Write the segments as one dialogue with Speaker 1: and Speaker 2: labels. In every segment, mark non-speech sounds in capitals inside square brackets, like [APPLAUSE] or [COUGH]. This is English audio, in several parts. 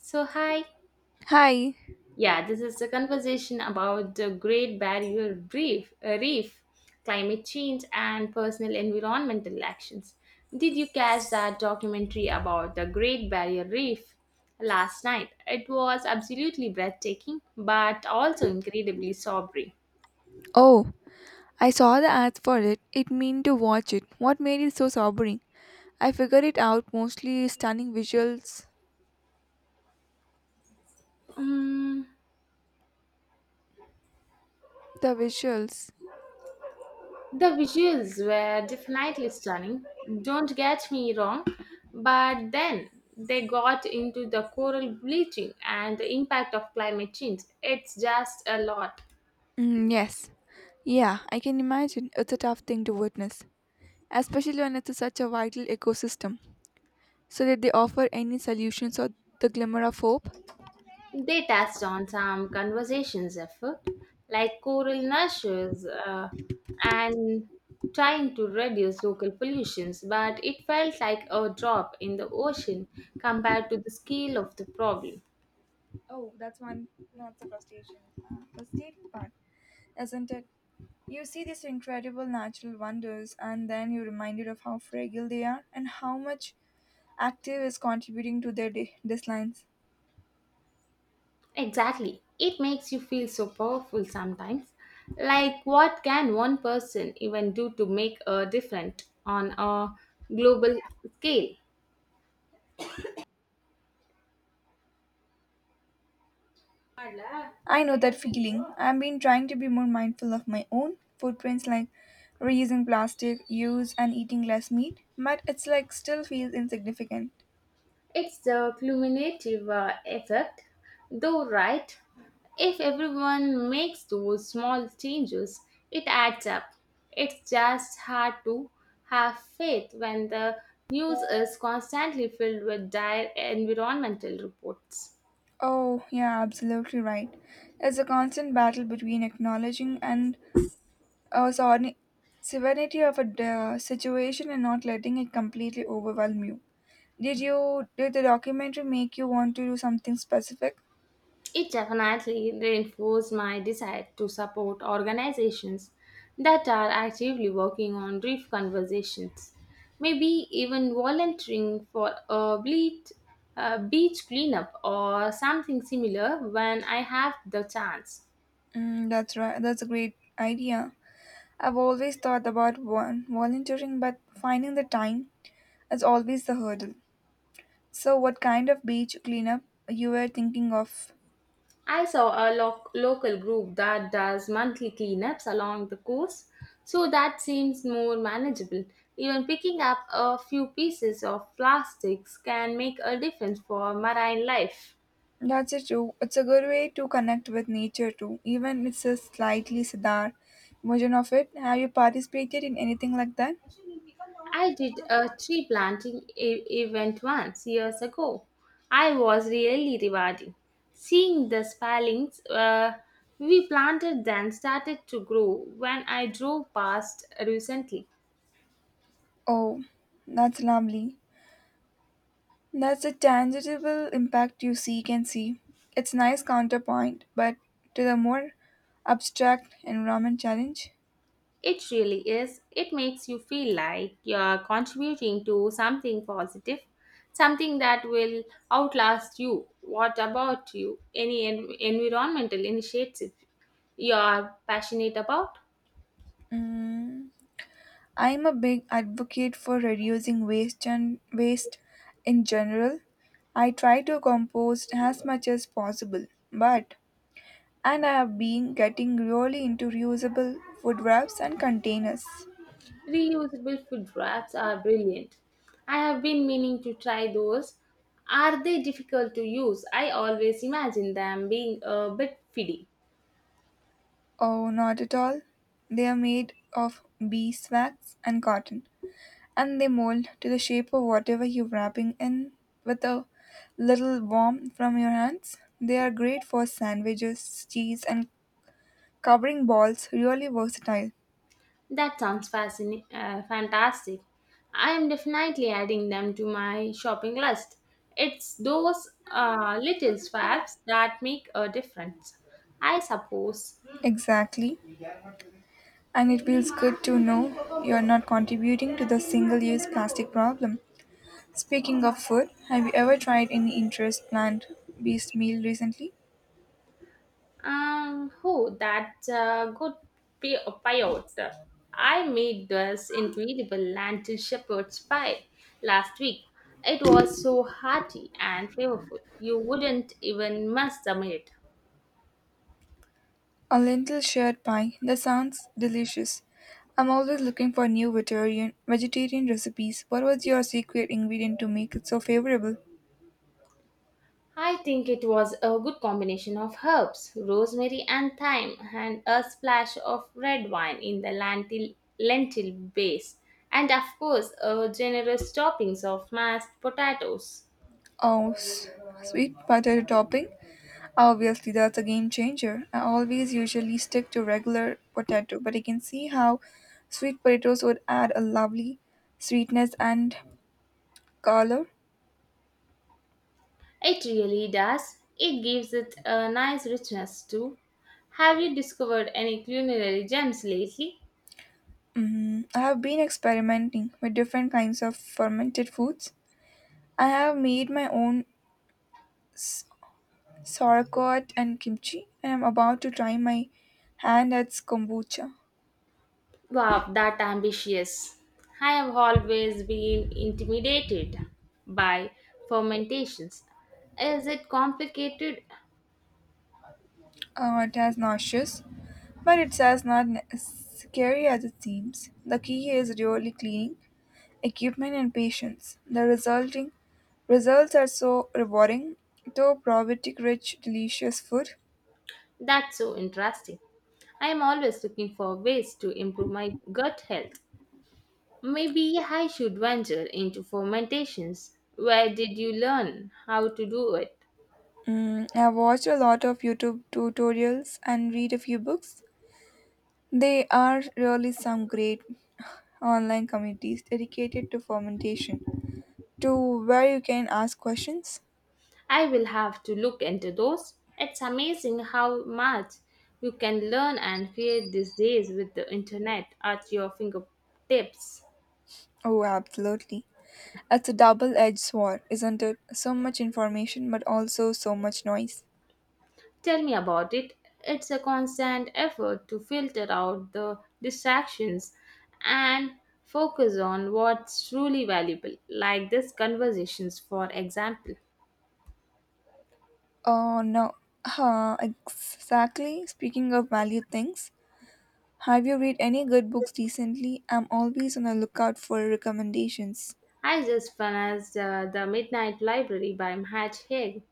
Speaker 1: So, hi.
Speaker 2: Hi.
Speaker 1: Yeah, this is the conversation about the Great Barrier Reef, reef climate change, and personal environmental actions. Did you catch that documentary about the Great Barrier Reef last night? It was absolutely breathtaking, but also incredibly sobering.
Speaker 2: Oh, I saw the ads for it. It mean to watch it. What made it so sobering? I figured it out mostly stunning visuals.
Speaker 1: Mm.
Speaker 2: The visuals.
Speaker 1: The visuals were definitely stunning, don't get me wrong, but then they got into the coral bleaching and the impact of climate change. It's just a lot.
Speaker 2: Mm, yes. Yeah, I can imagine. It's a tough thing to witness, especially when it's such a vital ecosystem. So did they offer any solutions or the glimmer of hope?
Speaker 1: They touched on some conversations effort, like coral nurtures and trying to reduce local pollutions, but it felt like a drop in the ocean compared to the scale of the problem.
Speaker 2: Oh, that's one. That's the frustration. The state part, isn't it? You see these incredible natural wonders, and then you're reminded of how fragile they are and how much active is contributing to their declines.
Speaker 1: Exactly. It makes you feel so powerful sometimes. Like, what can one person even do to make a difference on a global scale?
Speaker 2: I know that feeling. I've been trying to be more mindful of my own footprints, like reusing plastic, use, and eating less meat, but it's like still feels insignificant.
Speaker 1: It's the cumulative effect, though, right? If everyone makes those small changes, it adds up. It's just hard to have faith when the news is constantly filled with dire environmental reports.
Speaker 2: Oh, yeah, absolutely right. It's a constant battle between acknowledging and uh, sorni- severity of a situation and not letting it completely overwhelm you. Did the documentary make you want to do something specific?
Speaker 1: It definitely reinforced my desire to support organizations that are actively working on reef conversations. Maybe even volunteering for a bleat, a beach cleanup or something similar when I have the chance.
Speaker 2: Mm, that's right. That's a great idea. I've always thought about one volunteering, but finding the time is always the hurdle. So, what kind of beach cleanup you were thinking of?
Speaker 1: I saw a local group that does monthly cleanups along the coast, so that seems more manageable. Even picking up a few pieces of plastics can make a difference for marine life.
Speaker 2: That's it too. It's a good way to connect with nature too. Even it's a slightly sadar version of it. Have you participated in anything like that?
Speaker 1: I did a tree planting event once years ago. I was really rewarding. Seeing the spellings we planted then started to grow when I drove past recently.
Speaker 2: Oh, that's lovely. That's a tangible impact you see can see. It's nice counterpoint, but to the more abstract environment challenge.
Speaker 1: It really is. It makes you feel like you're contributing to something positive, something that will outlast you. What about you? Any environmental initiative you are passionate about?
Speaker 2: Mm, I'm a big advocate for reducing waste and waste in general. I try to compost as much as possible, but and I have been getting really into reusable food wraps and containers.
Speaker 1: Reusable food wraps are brilliant. I have been meaning to try those. Are they difficult to use? I always imagine them being a bit fiddly.
Speaker 2: Oh, not at all. They are made of beeswax and cotton, and they mold to the shape of whatever you're wrapping in with a little warmth from your hands. They are great for sandwiches, cheese, and covering balls, really versatile.
Speaker 1: That sounds fantastic. I am definitely adding them to my shopping list. It's those little swaps that make a difference, I suppose.
Speaker 2: Exactly. And it feels good to know you're not contributing to the single use plastic problem. Speaking of food, have you ever tried any interest plant based meal recently?
Speaker 1: Who that's a good payout. I made this incredible lentil shepherd's pie last week. It was so hearty and flavorful. You wouldn't even miss the meat.
Speaker 2: A lentil shepherd pie, that sounds delicious. I'm always looking for new vegetarian recipes. What was your secret ingredient to make it so favorable?
Speaker 1: I think it was a good combination of herbs, rosemary and thyme, and a splash of red wine in the lentil base, and of course, a generous toppings of mashed potatoes.
Speaker 2: Oh, s- Sweet potato topping? Obviously, that's a game changer. I always usually stick to regular potato, but I can see how sweet potatoes would add a lovely sweetness and color.
Speaker 1: It really does. It gives it a nice richness too. Have you discovered any culinary gems lately?
Speaker 2: Mm, I have been experimenting with different kinds of fermented foods. I have made my own sauerkraut and kimchi. I am about to try my hand at kombucha.
Speaker 1: Wow, that ambitious. I have always been intimidated by fermentations. Is it complicated?
Speaker 2: It has nauseous, but it's as not scary as it seems. The key is really cleaning, equipment, and patience. The resulting results are so rewarding, though probiotic-rich, delicious food.
Speaker 1: That's so interesting. I am always looking for ways to improve my gut health. Maybe I should venture into fermentations. Where did you learn how to do it?
Speaker 2: Mm, I've watched a lot of YouTube tutorials and read a few books. They are really some great [SIGHS] online communities dedicated to fermentation. To where you can ask questions?
Speaker 1: I will have to look into those. It's amazing how much you can learn and create these days with the internet at your fingertips.
Speaker 2: Oh, absolutely. It's a double edged sword, isn't it? So much information, but also so much noise.
Speaker 1: Tell me about it. It's a constant effort to filter out the distractions and focus on what's truly valuable, like these conversations, for example.
Speaker 2: Oh, no. Huh, exactly. Speaking of valued things, have you read any good books recently? I'm always on the lookout for recommendations.
Speaker 1: I just finished The Midnight Library by Matt Haig.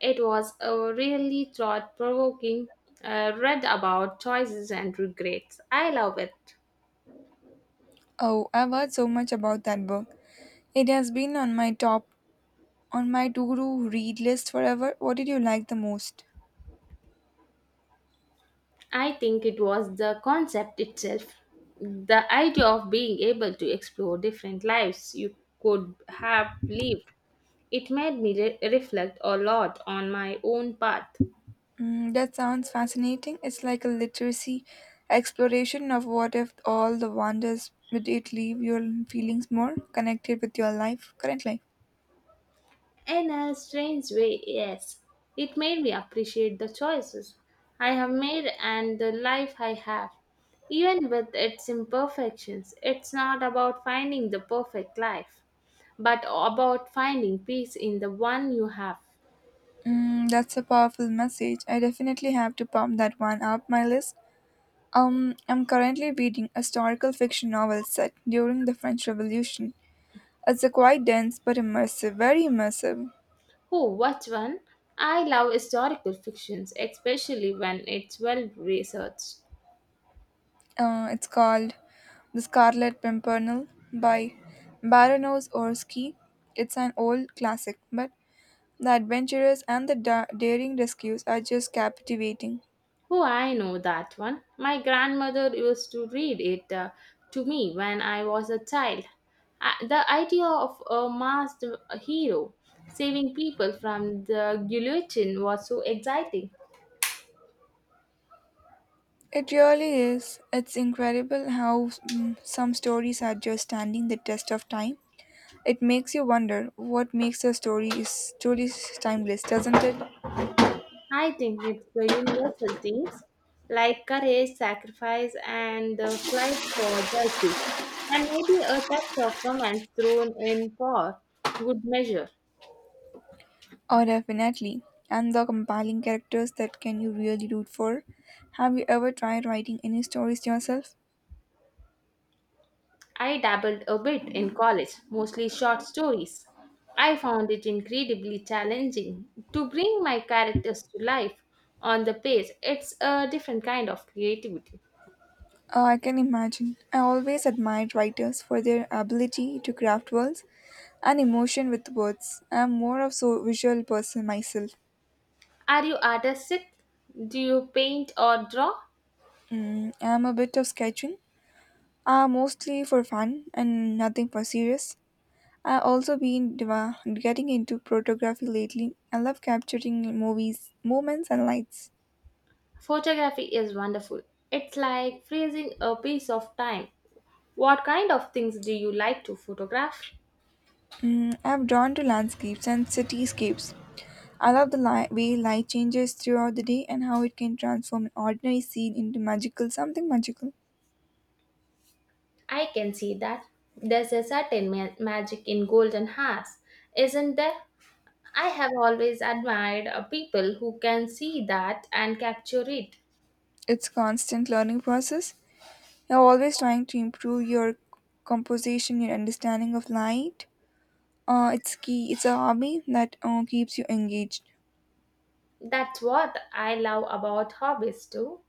Speaker 1: It was a really thought provoking, read about choices and regrets. I love it.
Speaker 2: Oh, I've heard so much about that book. It has been on my to-do read list forever. What did you like the most?
Speaker 1: I think it was the concept itself, the idea of being able to explore different lives you could have lived. It made me reflect a lot on my own path.
Speaker 2: Mm, that sounds fascinating. It's like a literacy exploration of what if all the wonders would it leave your feelings more connected with your current life.
Speaker 1: In a strange way, yes. It made me appreciate the choices I have made and the life I have. Even with its imperfections, it's not about finding the perfect life, but about finding peace in the one you have.
Speaker 2: Mm, that's a powerful message. I definitely have to pump that one up my list. I'm currently reading a historical fiction novel set during the French Revolution. It's a quite dense but very immersive.
Speaker 1: Oh, what one? I love historical fictions, especially when it's well researched.
Speaker 2: It's called The Scarlet Pimpernel by Baronos Orski. It's an old classic, but the adventurous and the daring rescues are just captivating.
Speaker 1: Oh, I know that one. My grandmother used to read it to me when I was a child. I, the idea of a masked hero saving people from the guillotine was so exciting.
Speaker 2: It really is. It's incredible how some stories are just standing the test of time. It makes you wonder what makes a story is truly timeless, doesn't it?
Speaker 1: I think it's the universal themes like courage, sacrifice, and the flight for justice, and maybe a touch of romance thrown in for good measure.
Speaker 2: Oh, definitely. And the compelling characters that can you really root for. Have you ever tried writing any stories yourself?
Speaker 1: I dabbled a bit in college, mostly short stories. I found it incredibly challenging to bring my characters to life on the page. It's a different kind of creativity.
Speaker 2: I can imagine. I always admired writers for their ability to craft worlds and emotion with words. I'm more of so visual person myself.
Speaker 1: Are you artistic? Do you paint or draw?
Speaker 2: Mm, I'm a bit of sketching, mostly for fun and nothing for serious. I also been getting into photography lately. I love capturing moments, and lights.
Speaker 1: Photography is wonderful. It's like freezing a piece of time. What kind of things do you like to photograph?
Speaker 2: Mm, I'm drawn to landscapes and cityscapes. I love the way light changes throughout the day and how it can transform an ordinary scene into magical something magical.
Speaker 1: I can see that. There's a certain magic in golden hearts, isn't there? I have always admired people who can see that and capture it.
Speaker 2: It's constant learning process. You're always trying to improve your composition, your understanding of light. It's key. It's a hobby that keeps you engaged.
Speaker 1: That's what I love about hobbies too.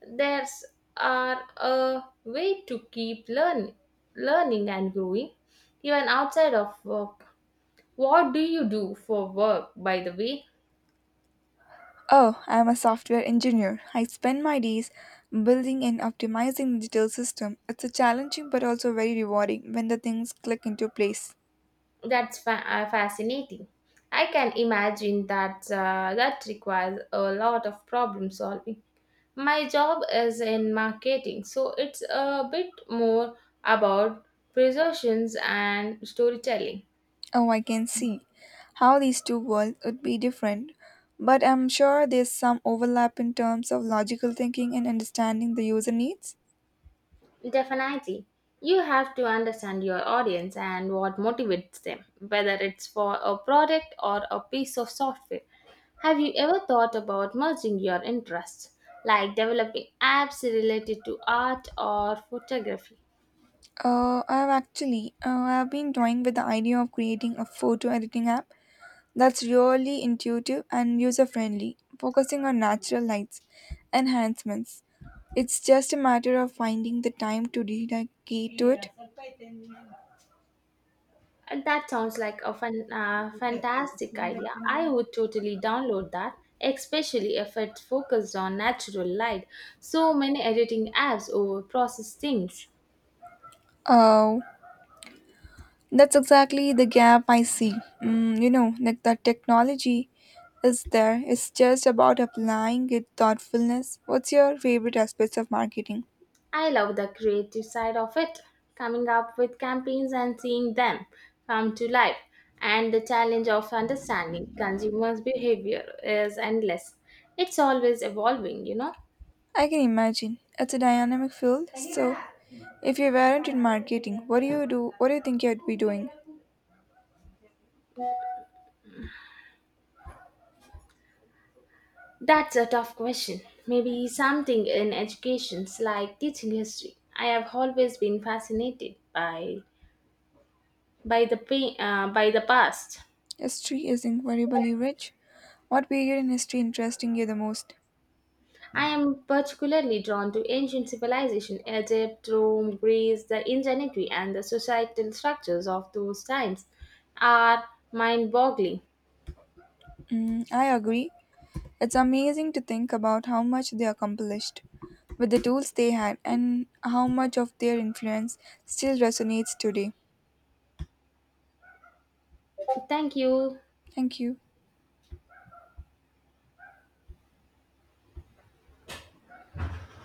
Speaker 1: There's are a way to learning and growing, even outside of work. What do you do for work, by the way?
Speaker 2: Oh, I'm a software engineer. I spend my days building and optimizing digital system. It's a challenging but also very rewarding when the things click into place.
Speaker 1: That's fascinating. I can imagine that that requires a lot of problem solving. My job is in marketing, so it's a bit more about presentations and storytelling.
Speaker 2: Oh, I can see how these two worlds would be different, but I'm sure there's some overlap in terms of logical thinking and understanding the user needs.
Speaker 1: Definitely. You have to understand your audience and what motivates them, whether it's for a product or a piece of software. Have you ever thought about merging your interests, like developing apps related to art or photography?
Speaker 2: I've been toying with the idea of creating a photo editing app that's really intuitive and user friendly, focusing on natural lights, enhancements. It's just a matter of finding the time to dedicate to it.
Speaker 1: And that sounds like a fantastic idea. I would totally download that, especially if it's focused on natural light. So many editing apps overprocess things.
Speaker 2: Oh. That's exactly the gap I see. Mm, you know, like the technology is there. It's just about applying it thoughtfulness. What's your favorite aspects of marketing?
Speaker 1: I love the creative side of it, coming up with campaigns and seeing them come to life. And the challenge of understanding consumers' behavior is endless. It's always evolving, you know.
Speaker 2: I can imagine. It's a dynamic field. So, if you weren't in marketing, What do you think you'd be doing?
Speaker 1: That's a tough question. Maybe something in education, like teaching history. I have always been fascinated by by the past.
Speaker 2: History is incredibly rich. What period in history interesting you the most?
Speaker 1: I am particularly drawn to ancient civilization, Egypt, Rome, Greece, the ingenuity and the societal structures of those times are mind-boggling.
Speaker 2: Mm, I agree. It's amazing to think about how much they accomplished with the tools they had and how much of their influence still resonates today.
Speaker 1: Thank you.
Speaker 2: Thank you.